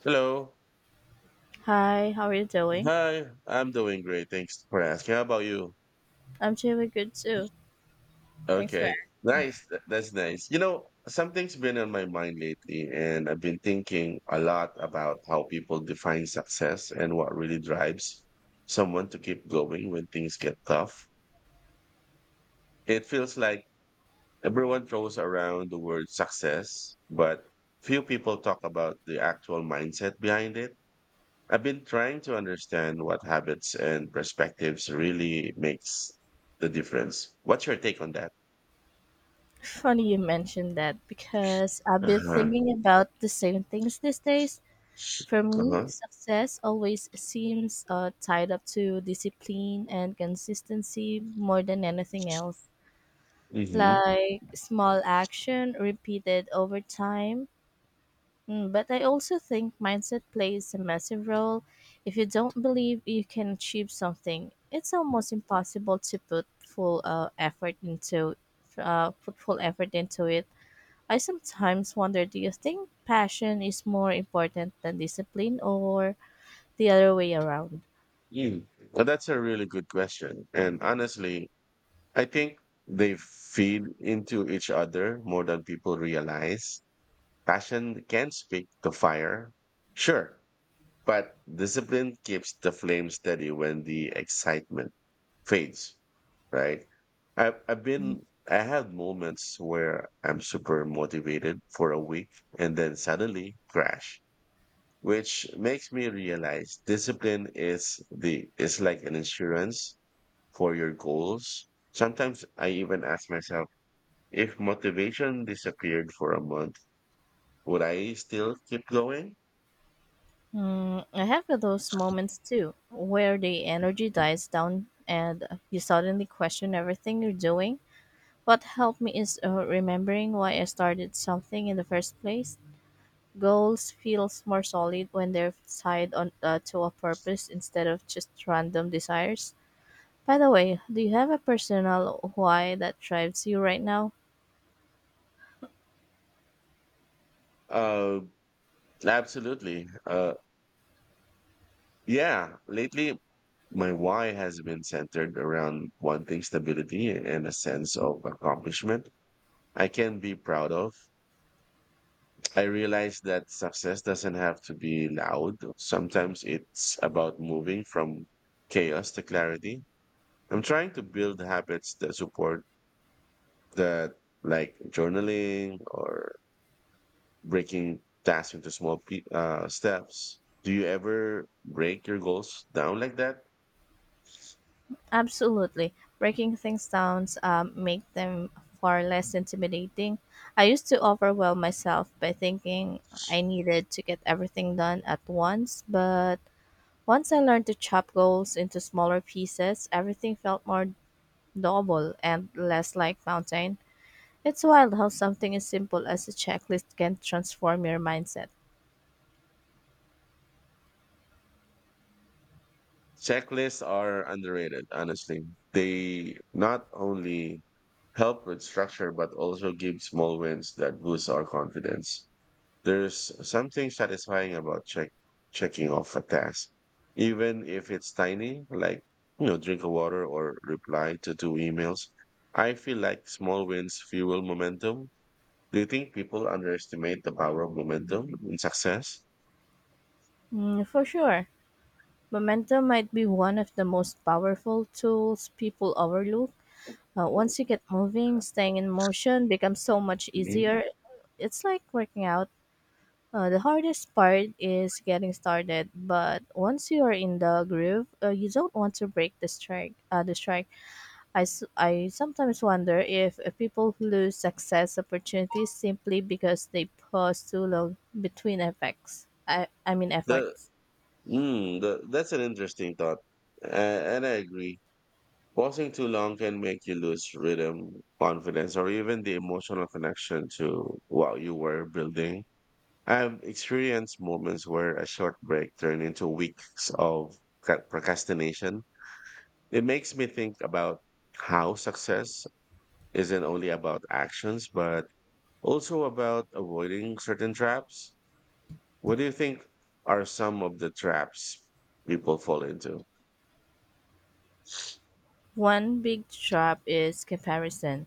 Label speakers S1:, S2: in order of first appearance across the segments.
S1: Hello.
S2: Hi, how are you doing?
S1: Hi. I'm doing great. Thanks for asking. How about you?
S2: I'm doing good too. Thanks for
S1: Okay. Nice. That's nice. You know, something's been on my mind lately, and I've been thinking a lot about how people define success and what really drives someone to keep going when things get tough. It feels like everyone throws around the word success, but few people talk about the actual mindset behind it. I've been trying to understand what habits and perspectives really makes the difference. What's your take on that?
S2: asking. Funny you mentioned that because I've been
S1: Uh-huh.
S2: thinking about the same things these days. For me,
S1: Uh-huh.
S2: success always seems tied up to discipline and consistency more than anything else.
S1: Hmm.
S2: Like small action repeated over time. Mm, but I also think mindset plays a massive role. If you don't believe you can achieve something, it's almost impossible to put full effort into put full effort into it. I sometimes wonder, do you think passion is more important than discipline, or the other way around?
S1: Mm. Well, that's a really good question. And honestly, I think they feed into each other more than people realize. Passion can speak to fire, sure, but discipline keeps the flame steady when the excitement fades, right? I've been I had moments where I'm super motivated for a week and then suddenly crash, which makes me realize discipline is the is like an insurance for your goals. Sometimes I even ask myself, if motivation disappeared for a month, would I still keep going?
S2: Mm, I have those moments too, where the energy dies down and you suddenly question everything you're doing. What helped me is remembering why I started something in the first place. Goals feels more solid when they're tied on to a purpose instead of just random desires. By the way, do you have a personal why that drives you right now?
S1: Uh, absolutely. Yeah, lately my why has been centered around wanting stability and a sense of accomplishment I can be proud of. I realize that success doesn't have to be loud. Sometimes it's about moving from chaos to clarity. I'm trying to build habits that support that, like journaling or breaking tasks into steps. Do you ever break your goals down like that?
S2: Absolutely. Breaking things down make them far less intimidating. I used to overwhelm myself by thinking I needed to get everything done at once, but once I learned to chop goals into smaller pieces, everything felt more doable and less like mountain. It's wild how something as simple as a checklist can transform your mindset.
S1: Checklists are underrated, honestly. They not only help with structure, but also give small wins that boost our confidence. There's something satisfying about checking off a task, even if it's tiny, like drink a water or reply to two emails. I feel like small wins fuel momentum. Do you think people underestimate the power of momentum in success?
S2: Mm, for sure. Momentum might be one of the most powerful tools people overlook. Once you get moving, staying in motion becomes so much
S1: Mhm.
S2: easier. It's like working out. The hardest part is getting started, but once you are in the groove, you don't want to break the strike. I sometimes wonder if people lose success opportunities simply because they pause too long between effects. I mean
S1: The
S2: efforts.
S1: That's an interesting thought. A- and I agree. Pausing too long can make you lose rhythm, confidence, or even the emotional connection to what you were building. I've experienced moments where a short break turned into weeks of procrastination. It makes me think about how success isn't only about actions, but also about avoiding certain traps. What do you think are some of the traps people fall into?
S2: One big trap is comparison.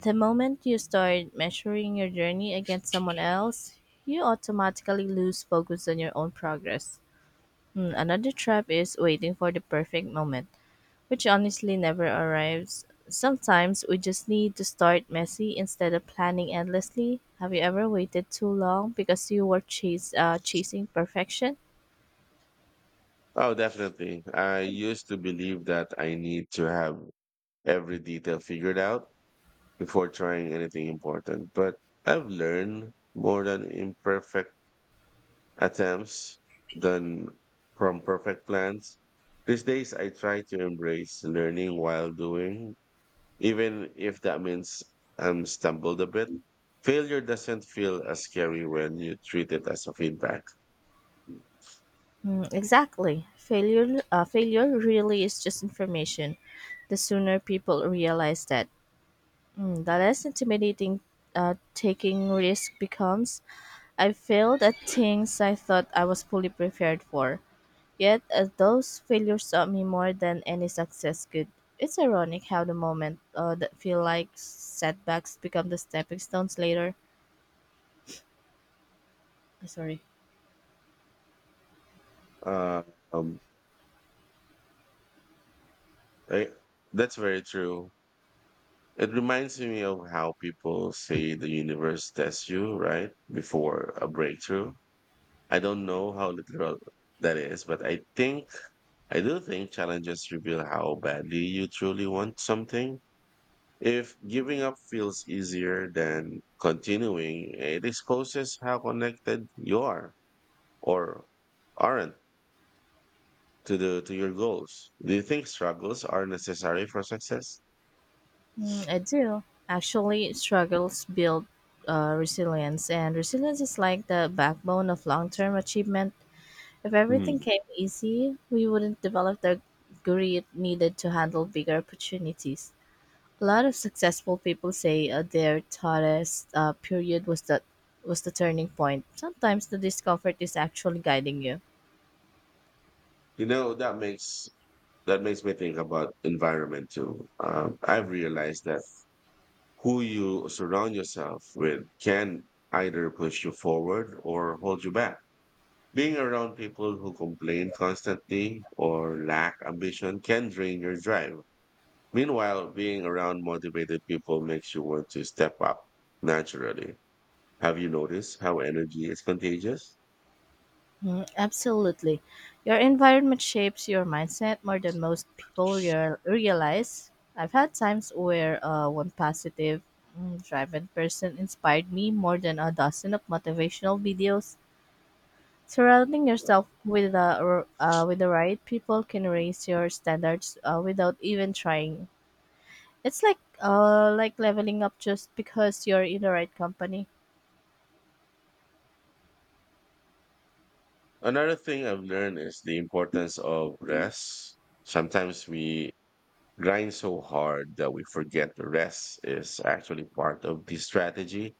S2: The moment you start measuring your journey against someone else, you automatically lose focus on your own progress. Mm, another trap is waiting for the perfect moment, which honestly never arrives. Sometimes we just need to start messy instead of planning endlessly. Have you ever waited too long because you were chasing perfection?
S1: Oh, definitely. I used to believe that I need to have every detail figured out before trying anything important, but I've learned more than imperfect attempts than from perfect plans. These days, I try to embrace learning while doing, even if that means I'm stumbled a bit. Failure doesn't feel as scary when you treat it as a feedback.
S2: Mm, exactly. Failure really is just information. The sooner people realize that, mm, the less intimidating taking risk becomes. I failed at things I thought I was fully prepared for. Yet, as those failures taught me more than any success could. It's ironic how the moment that feel like setbacks become the stepping stones later. Sorry.
S1: Uh, um, I, that's very true. It reminds me of how people say the universe tests you, right? Before a breakthrough. I don't know how literal that is, but I do think challenges reveal how badly you truly want something. If giving up feels easier than continuing, it exposes how connected you are or aren't to the to your goals. Do you think struggles are necessary for success?
S2: Mm, I do. Actually, struggles build resilience, and resilience is like the backbone of long term achievement. If everything
S1: Hmm.
S2: came easy, we wouldn't develop the grit needed to handle bigger opportunities. A lot of successful people say their toughest period was the turning point. Sometimes the discomfort is actually guiding you.
S1: You know, that makes me think about environment too. I've realized that who you surround yourself with can either push you forward or hold you back. Being around people who complain constantly or lack ambition can drain your drive. Meanwhile, being around motivated people makes you want to step up naturally. Have you noticed how energy is contagious?
S2: Mm, absolutely, your environment shapes your mindset more than most people realize. I've had times where one positive, mm, driven person inspired me more than a dozen of motivational videos. Surrounding yourself with the right people can raise your standards without even trying. It's like leveling up just because you're in the right company.
S1: Another thing I've learned is the importance of rest. Sometimes we grind so hard that we forget rest is actually part of the strategy,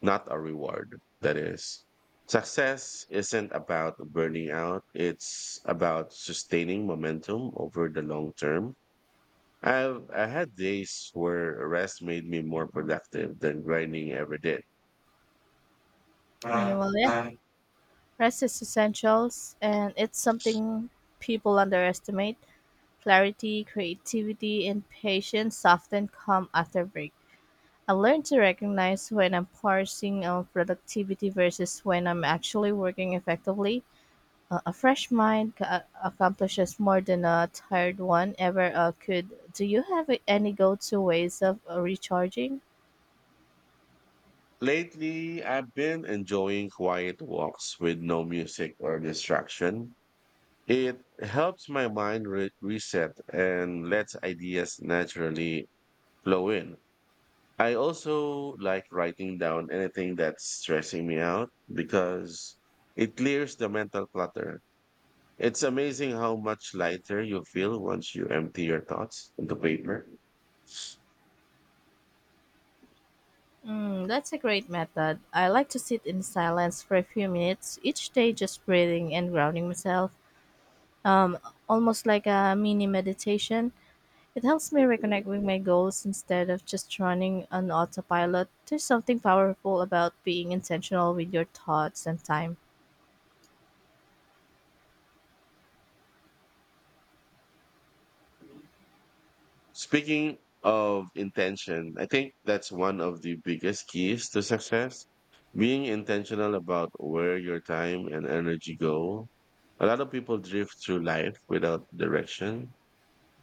S1: not a reward. That is, success isn't about burning out, it's about sustaining momentum over the long term. I had days where rest made me more productive than grinding ever did.
S2: You will yeah. Rest is essentials and it's something people underestimate. Clarity, creativity, and patience often come after break. I learned to recognize when I'm parsing on productivity versus when I'm actually working effectively. A fresh mind accomplishes more than a tired one ever could. Do you have any go-to ways of recharging?
S1: Lately, I've been enjoying quiet walks with no music or distraction. It helps my mind reset and lets ideas naturally flow in. I also like writing down anything that's stressing me out because it clears the mental clutter. It's amazing how much lighter you feel once you empty your thoughts into paper.
S2: Mm, that's a great method. I like to sit in silence for a few minutes each day, just breathing and grounding myself, um, almost like a mini meditation. It helps me reconnect with my goals instead of just running on autopilot. There's something powerful about being intentional with your thoughts and time.
S1: Speaking of intention, I think that's one of the biggest keys to success. Being intentional about where your time and energy go. A lot of people drift through life without direction,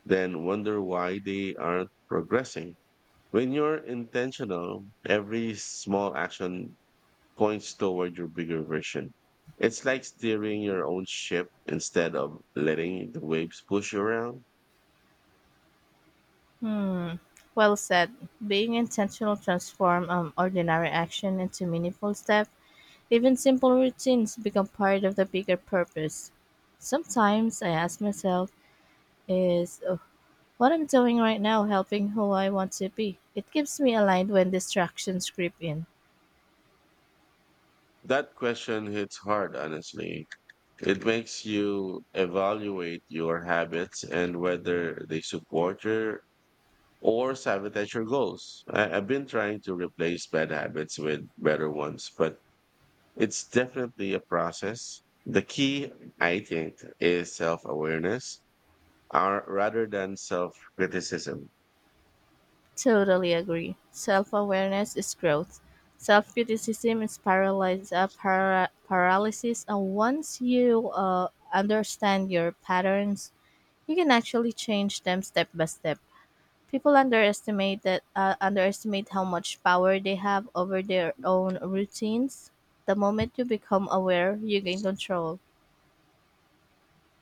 S1: then wonder why they aren't progressing. When you're intentional, every small action points toward your bigger version. It's like steering your own ship instead of letting the waves push you around.
S2: Hmm. Well said. Being intentional transform ordinary action into meaningful steps. Even simple routines become part of the bigger purpose. Sometimes I ask myself, is what I'm doing right now, helping who I want to be. It keeps me aligned when distractions creep in.
S1: That question hits hard, honestly. It makes you evaluate your habits and whether they support your or sabotage your goals. I've been trying to replace bad habits with better ones, but it's definitely a process. The key, I think, is self awareness or rather than self criticism.
S2: Totally agree. Self awareness is growth. Self criticism is paralysis, paralysis, and once you understand your patterns, you can actually change them step by step. People underestimate that underestimate how much power they have over their own routines. The moment you become aware, you gain control.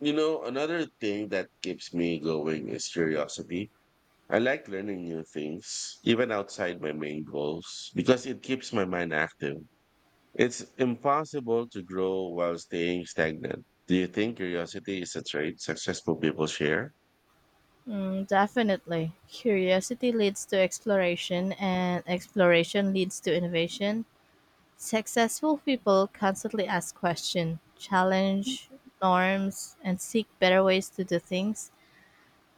S1: You know, another thing that keeps me going is curiosity. I like learning new things, even outside my main goals, because it keeps my mind active. It's impossible to grow while staying stagnant. Do you think curiosity is a trait successful people share?
S2: Mm, definitely. Curiosity leads to exploration, and exploration leads to innovation. Successful people constantly ask questions, challenge norms, and seek better ways to do things.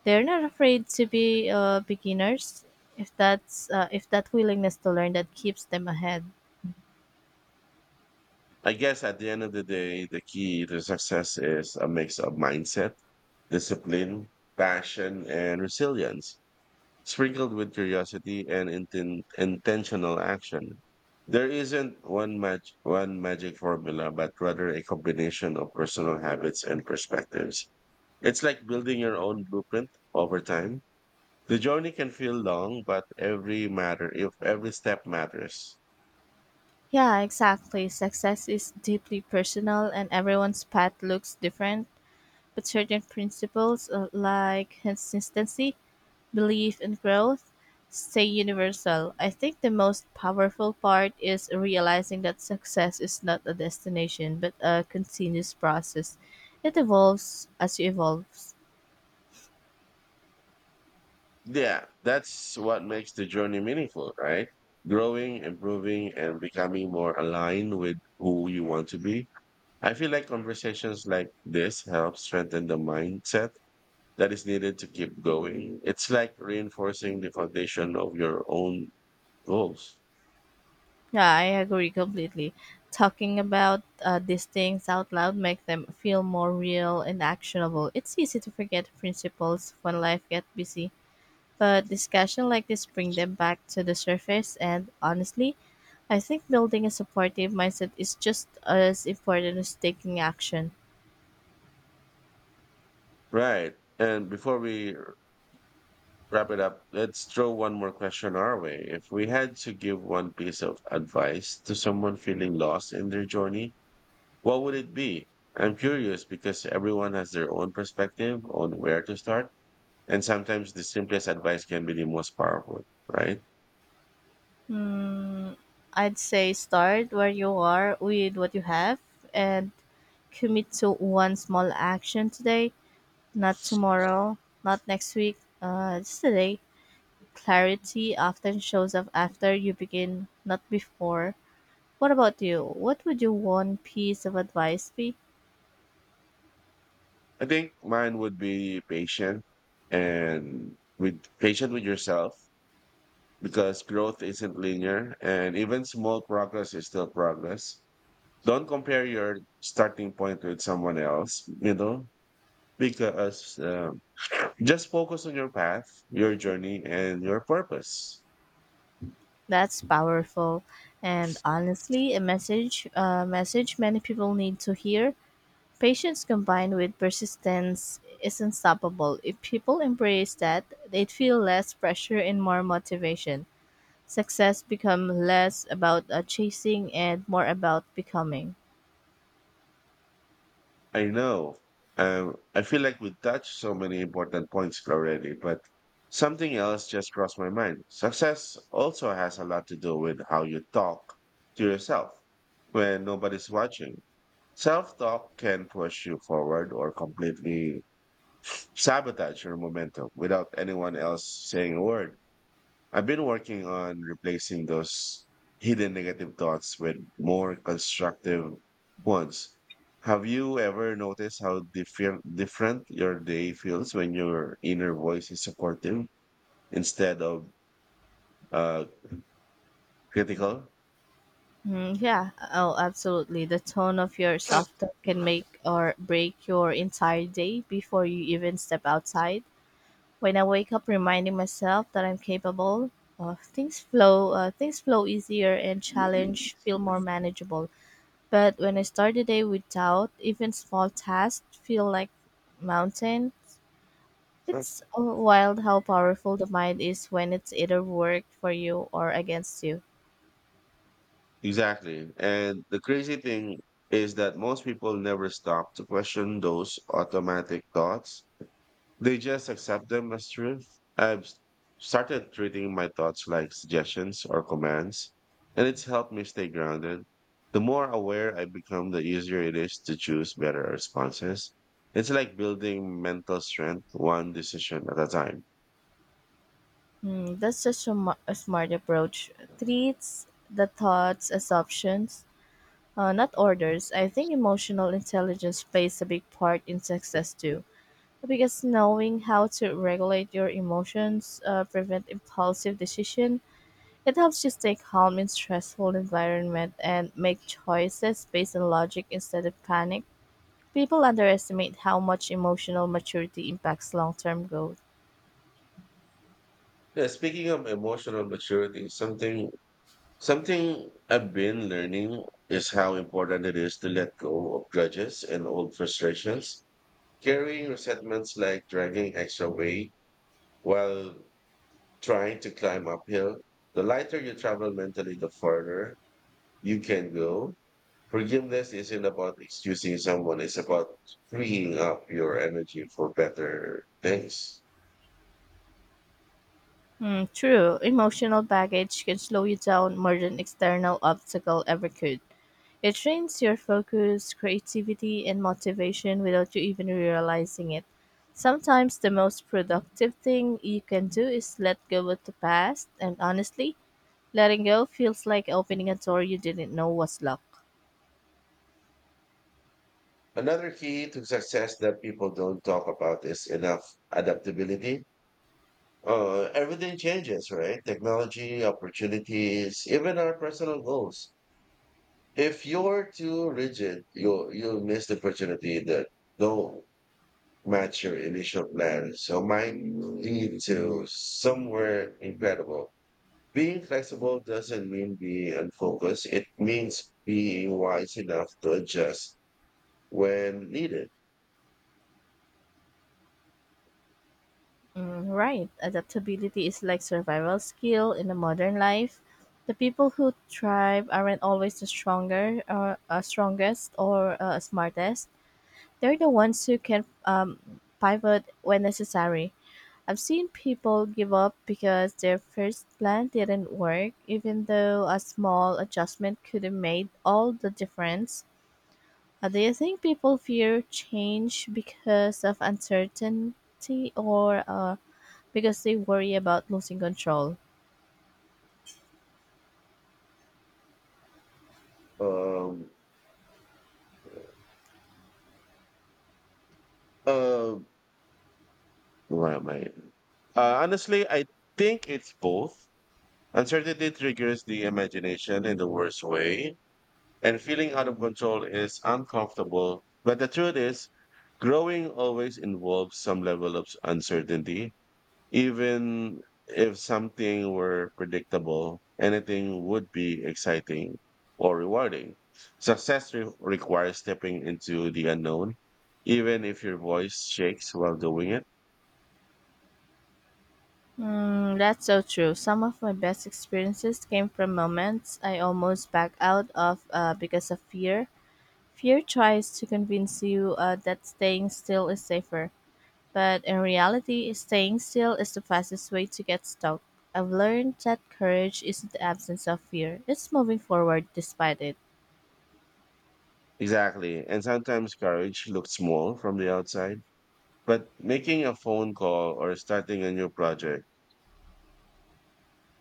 S2: They're not afraid to be beginners if that's if that willingness to learn that keeps them ahead.
S1: I guess at the end of the day, the key to success is a mix of mindset, discipline, passion, and resilience, sprinkled with curiosity and intentional action. There isn't one magic formula, but rather a combination of personal habits and perspectives. It's like building your own blueprint over time. The journey can feel long, but every matter, if every step matters.
S2: Yeah, exactly. Success is deeply personal, and everyone's path looks different. But certain principles like consistency belief and growth stay universal. I think the most powerful part is realizing that success is not a destination but a continuous process. It evolves as you evolve.
S1: Yeah, that's what makes the journey meaningful, right? Growing, improving, and becoming more aligned with who you want to be. I feel like conversations like this help strengthen the mindset that is needed to keep going. It's like reinforcing the foundation of your own goals.
S2: Yeah, I agree completely. Talking about these things out loud make them feel more real and actionable. It's easy to forget principles when life gets busy. But discussion like this bring them back to the surface, and honestly, I think building a supportive mindset is just as important as taking action.
S1: Right. And before we wrap it up, let's throw one more question our way. If we had to give one piece of advice to someone feeling lost in their journey, what would it be? I'm curious because everyone has their own perspective on where to start, and sometimes the simplest advice can be the most powerful, right?
S2: Hmm, I'd say start where you are with what you have and commit to one small action today, not tomorrow, not next week, just today. Clarity often shows up after you begin, not before. What about you? What would your one piece of advice be?
S1: I think mine would be patient and with patient with yourself because growth isn't linear and even small progress is still progress. Don't compare your starting point with someone else, you know, because just focus on your path, your journey, and your purpose.
S2: That's powerful, and honestly, a message many people need to hear. Patience combined with persistence is unstoppable. If people embrace that, they'd feel less pressure and more motivation. Success become less about chasing and more about becoming.
S1: I know. I feel like we touched so many important points already, but something else just crossed my mind. Success also has a lot to do with how you talk to yourself when nobody's watching. Self talk can push you forward or completely sabotage your momentum without anyone else saying a word. I've been working on replacing those hidden negative thoughts with more constructive ones. Have you ever noticed how different your day feels when your inner voice is supportive instead of uh, critical?
S2: Mm, yeah, oh, absolutely. The tone of your soft talk can make or break your entire day before you even step outside. When I wake up reminding myself that I'm capable, things flow easier and challenge feel more manageable. But when I start the day with doubt, even small tasks feel like mountain. It's wild how powerful the mind is when it's either work for you or against you.
S1: Exactly. And the crazy thing is that most people never stop to question those automatic thoughts. They just accept them as truth. I've s- started treating my thoughts like suggestions or commands, and it's helped me stay grounded. The more aware I become, the easier it is to choose better responses. It's like building mental strength one decision at a time.
S2: Hmm, that's just a smart approach. Treats the thoughts as options, not orders. I think emotional intelligence plays a big part in success too. Because knowing how to regulate your emotions, prevent impulsive decision, it helps you stay calm in stressful environment and make choices based on logic instead of panic. People underestimate how much emotional maturity impacts long-term growth.
S1: Yeah, speaking of emotional maturity, something I've been learning is how important it is to let go of grudges and old frustrations. Carrying resentments like dragging extra weight while trying to climb uphill. The lighter you travel mentally, the further you can go. Forgiveness isn't about excusing someone, it's about freeing up your energy for better things.
S2: Hmm, true, emotional baggage can slow you down more than external obstacle ever could. It trains your focus, creativity, and motivation without you even realizing it. Sometimes the most productive thing you can do is let go of the past, and honestly, letting go feels like opening a door you didn't know was locked.
S1: Another key to success that people don't talk about is enough adaptability. Everything changes, right? Technology, opportunities, even our personal goals. If you're too rigid, you'll miss the opportunity that no match your initial plan. So mine lead to somewhere incredible. Being flexible doesn't mean being unfocused. It means being wise enough to adjust when needed.
S2: Mm, right, adaptability is like survival skill in a modern life. The people who thrive aren't always the stronger, or strongest, or smartest. They're the ones who can pivot when necessary. I've seen people give up because their first plan didn't work, even though a small adjustment could have made all the difference. Do you think people fear change because of uncertainty or because they worry about losing control?
S1: Um, uh, what am I? Honestly, I think it's both. Uncertainty triggers the imagination in the worst way, and feeling out of control is uncomfortable. But the truth is, growing always involves some level of uncertainty. Even if something were predictable, anything would be exciting or rewarding. Success requires stepping into the unknown, even if your voice shakes while doing it.
S2: Hmm, that's so true. Some of my best experiences came from moments I almost backed out of because of fear. Fear tries to convince you that staying still is safer. But in reality, staying still is the fastest way to get stuck. I've learned that courage isn't the absence of fear, it's moving forward despite it.
S1: Exactly. And sometimes courage looks small from the outside. But making a phone call or starting a new project,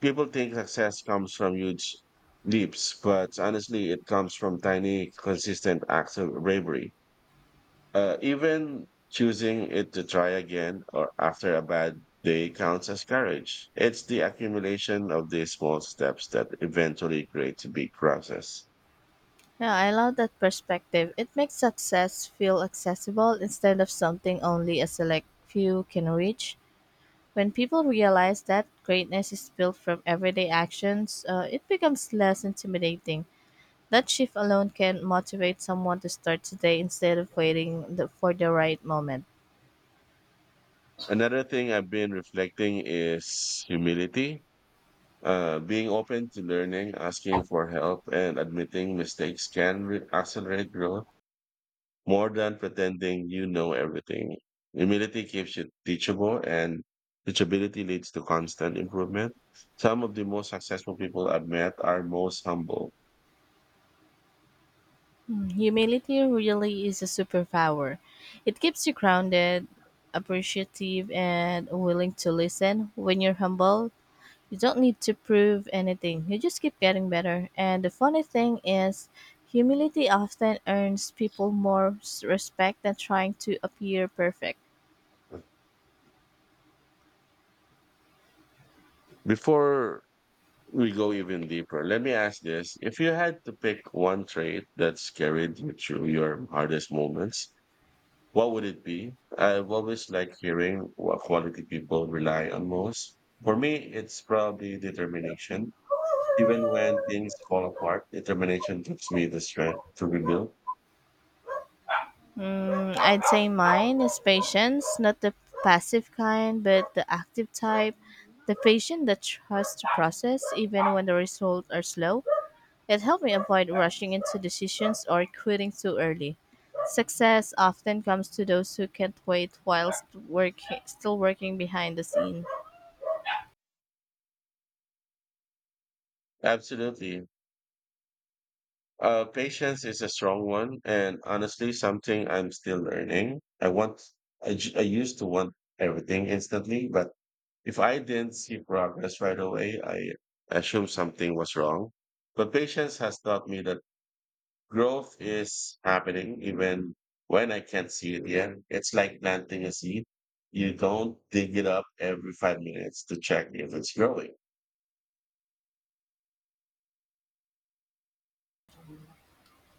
S1: people think success comes from huge leaps, but honestly, it comes from tiny, consistent acts of bravery. Even choosing it to try again or after a bad day counts as courage. It's the accumulation of these small steps that eventually create big process.
S2: Yeah, I love that perspective. It makes success feel accessible instead of something only a select few can reach. When people realize that greatness is built from everyday actions, it becomes less intimidating. That shift alone can motivate someone to start today instead of waiting for the right moment.
S1: Another thing I've been reflecting is humility. Being open to learning, asking for help, and admitting mistakes can accelerate growth more than pretending you know everything. Humility keeps you teachable, and teachability leads to constant improvement. Some of the most successful people I've met are most humble.
S2: Mm, humility really is a superpower. It keeps you grounded, appreciative, and willing to listen. When you're humble, you don't need to prove anything. You just keep getting better. And the funny thing is, humility often earns people respect than trying to appear perfect.
S1: Before we go even deeper, let me ask this. If you had to pick one trait that's carried you through your hardest moments, what would it be? I've always liked hearing what quality people rely on most. For me, it's probably determination. Even when things fall apart, determination gives me the strength to rebuild.
S2: Mm, I'd say mine is patience, not the passive kind, but the active type, the patient that trusts the process even when the results are slow. It helped me avoid rushing into decisions or quitting too early. Success often comes to those who can't still working behind the scene.
S1: Absolutely. Patience is a strong one, and honestly, something I'm still learning. I used to want everything instantly, but if I didn't see progress right away, I assumed something was wrong. But patience has taught me that growth is happening even when I can't see it yet. It's like planting a seed. You don't dig it up every 5 minutes to check if it's growing.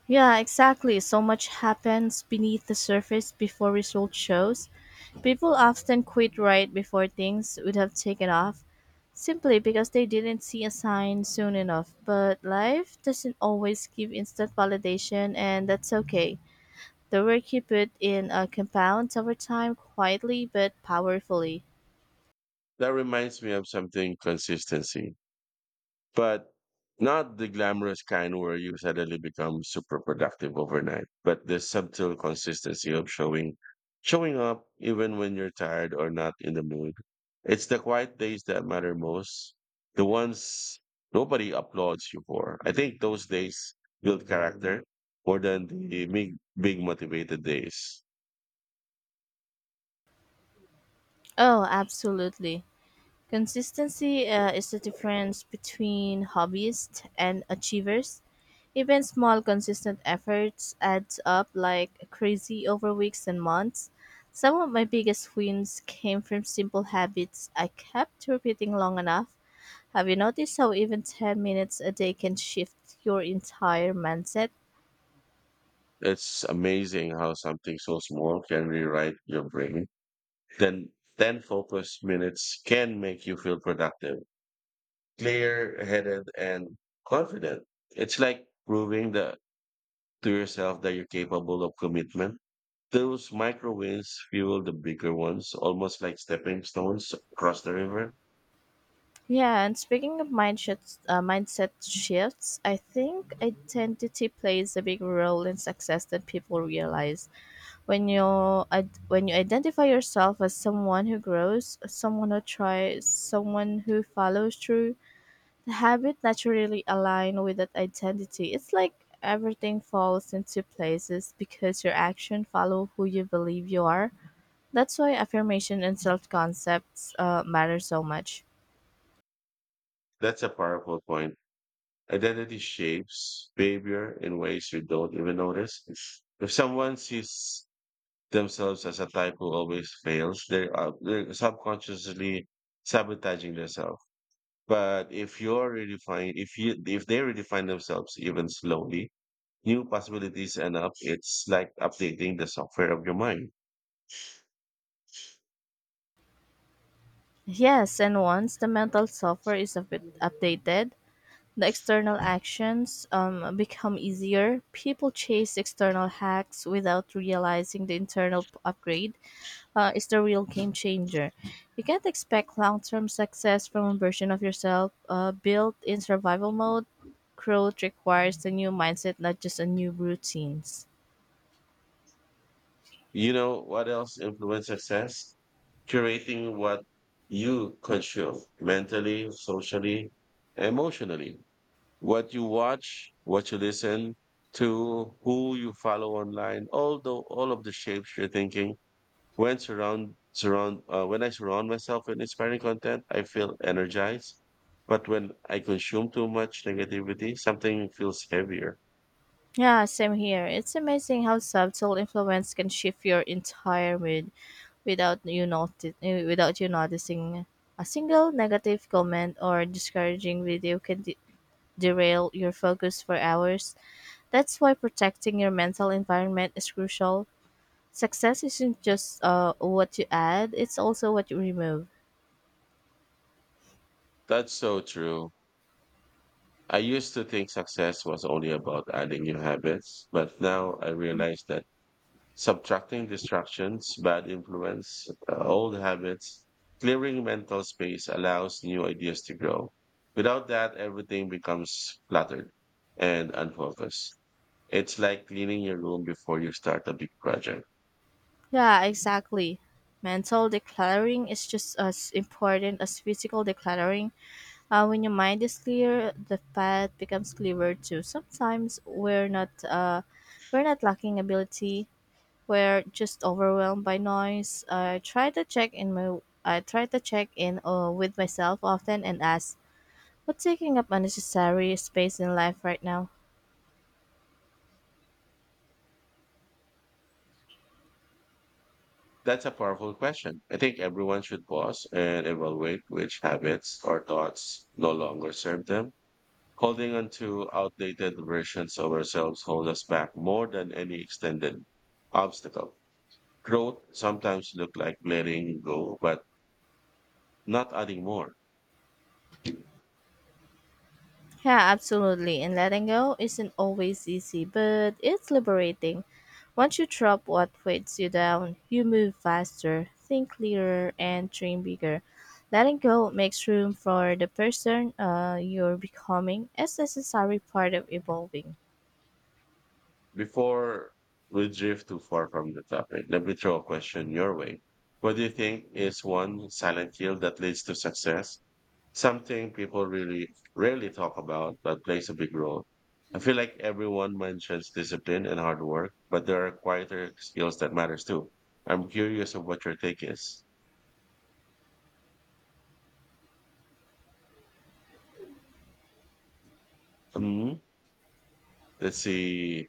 S2: Yeah, exactly. So much happens beneath the surface before result shows. People often quit right before things would have taken off, simply because they didn't see a sign soon enough. But life doesn't always give instant validation, and that's okay. The work you put in compounds over time quietly but powerfully.
S1: That reminds me of something: consistency. But not the glamorous kind where you suddenly become super productive overnight, but the subtle consistency of showing up even when you're tired or not in the mood. It's the quiet days that matter most, the ones nobody applauds you for. I think those days build character more than the big motivated days.
S2: Oh, absolutely. Consistency is the difference between hobbyists and achievers. Even small, consistent efforts add up like crazy over weeks and months. Some of my biggest wins came from simple habits I kept repeating long enough. Have you noticed how even 10 minutes a day can shift your entire mindset?
S1: It's amazing how something so small can rewrite your brain. Then 10 focus minutes can make you feel productive, clear-headed, and confident. It's like proving that to yourself that you're capable of commitment. Those micro wins fuel the bigger ones, almost like stepping stones across the river.
S2: Yeah, and speaking of mindset shifts, I think identity plays a big role in success that people realize. When you identify yourself as someone who grows, someone who tries, someone who follows through, the habit naturally align with that identity. It's like everything falls into places because your action follow who you believe you are. That's why affirmation and self concepts matter so much.
S1: That's a powerful point. Identity shapes behavior in ways you don't even notice. If someone sees themselves as a type who always fails, they're subconsciously sabotaging themselves. But if you're redefine, if you, if they redefine themselves even slowly, new possibilities end up. It's like updating the software of your mind.
S2: Yes, and once the mental software is a bit updated, the external actions become easier. People chase external hacks without realizing the upgrade is the real game changer. You can't expect long term success from a version of yourself built in survival mode. Growth requires a new mindset, not just a new routines.
S1: You know what else influence success? Curating what you consume mentally, socially, emotionally, what you watch, what you listen to, who you follow online, all of the shapes you're thinking. When surround surround when I surround myself with inspiring content, I feel energized. But when I consume too much negativity, something feels heavier.
S2: Yeah, same here. It's amazing how subtle influence can shift your entire mood without without you noticing. A single negative comment or discouraging video can derail your focus for hours. That's why protecting your mental environment is crucial. Success isn't just what you add; it's also what you remove.
S1: That's so true. I used to think success was only about adding new habits, but now I realize that subtracting distractions, bad influence, old habits, clearing mental space allows new ideas to grow. Without that, everything becomes cluttered and unfocused. It's like cleaning your room before you start a big project.
S2: Yeah, exactly. Mental decluttering is just as important as physical decluttering. When your mind is clear, the path becomes clearer too. Sometimes we're not lacking ability. We're just overwhelmed by noise. I try to check in with myself often and ask, what's taking up unnecessary space in life right now?
S1: That's a powerful question. I think everyone should pause and evaluate which habits or thoughts no longer serve them. Holding on to outdated versions of ourselves hold us back more than any extended obstacle. Growth sometimes look like letting go, but not adding more.
S2: Yeah, absolutely. And letting go isn't always easy, but it's liberating. Once you drop what weighs you down, you move faster, think clearer, and dream bigger. Letting go makes room for the person you're becoming as necessary part of evolving.
S1: Before we drift too far from the topic, let me throw a question your way. What do you think is one silent kill that leads to success? Something people really rarely talk about, but plays a big role. I feel like everyone mentions discipline and hard work, but there are quieter skills that matters too. I'm curious of what your take is. Mhm. Let's see.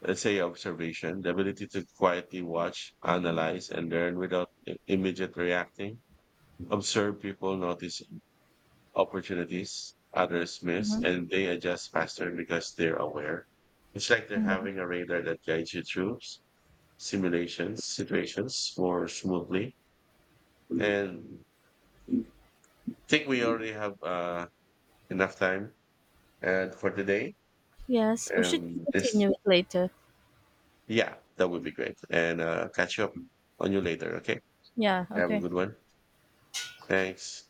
S1: Let's say observation, the ability to quietly watch, analyze, and learn without immediate reacting. Observe people notice opportunities others miss, and they adjust faster because they're aware. It's like they're having a radar that guides you through simulations situations more smoothly. And I think we already have enough time and for today.
S2: Yes, we should
S1: And this,
S2: continue it later?
S1: yeah, that would be great. And catch you up on you later. Okay.
S2: Yeah,
S1: Have a
S2: okay.
S1: good one. Thanks.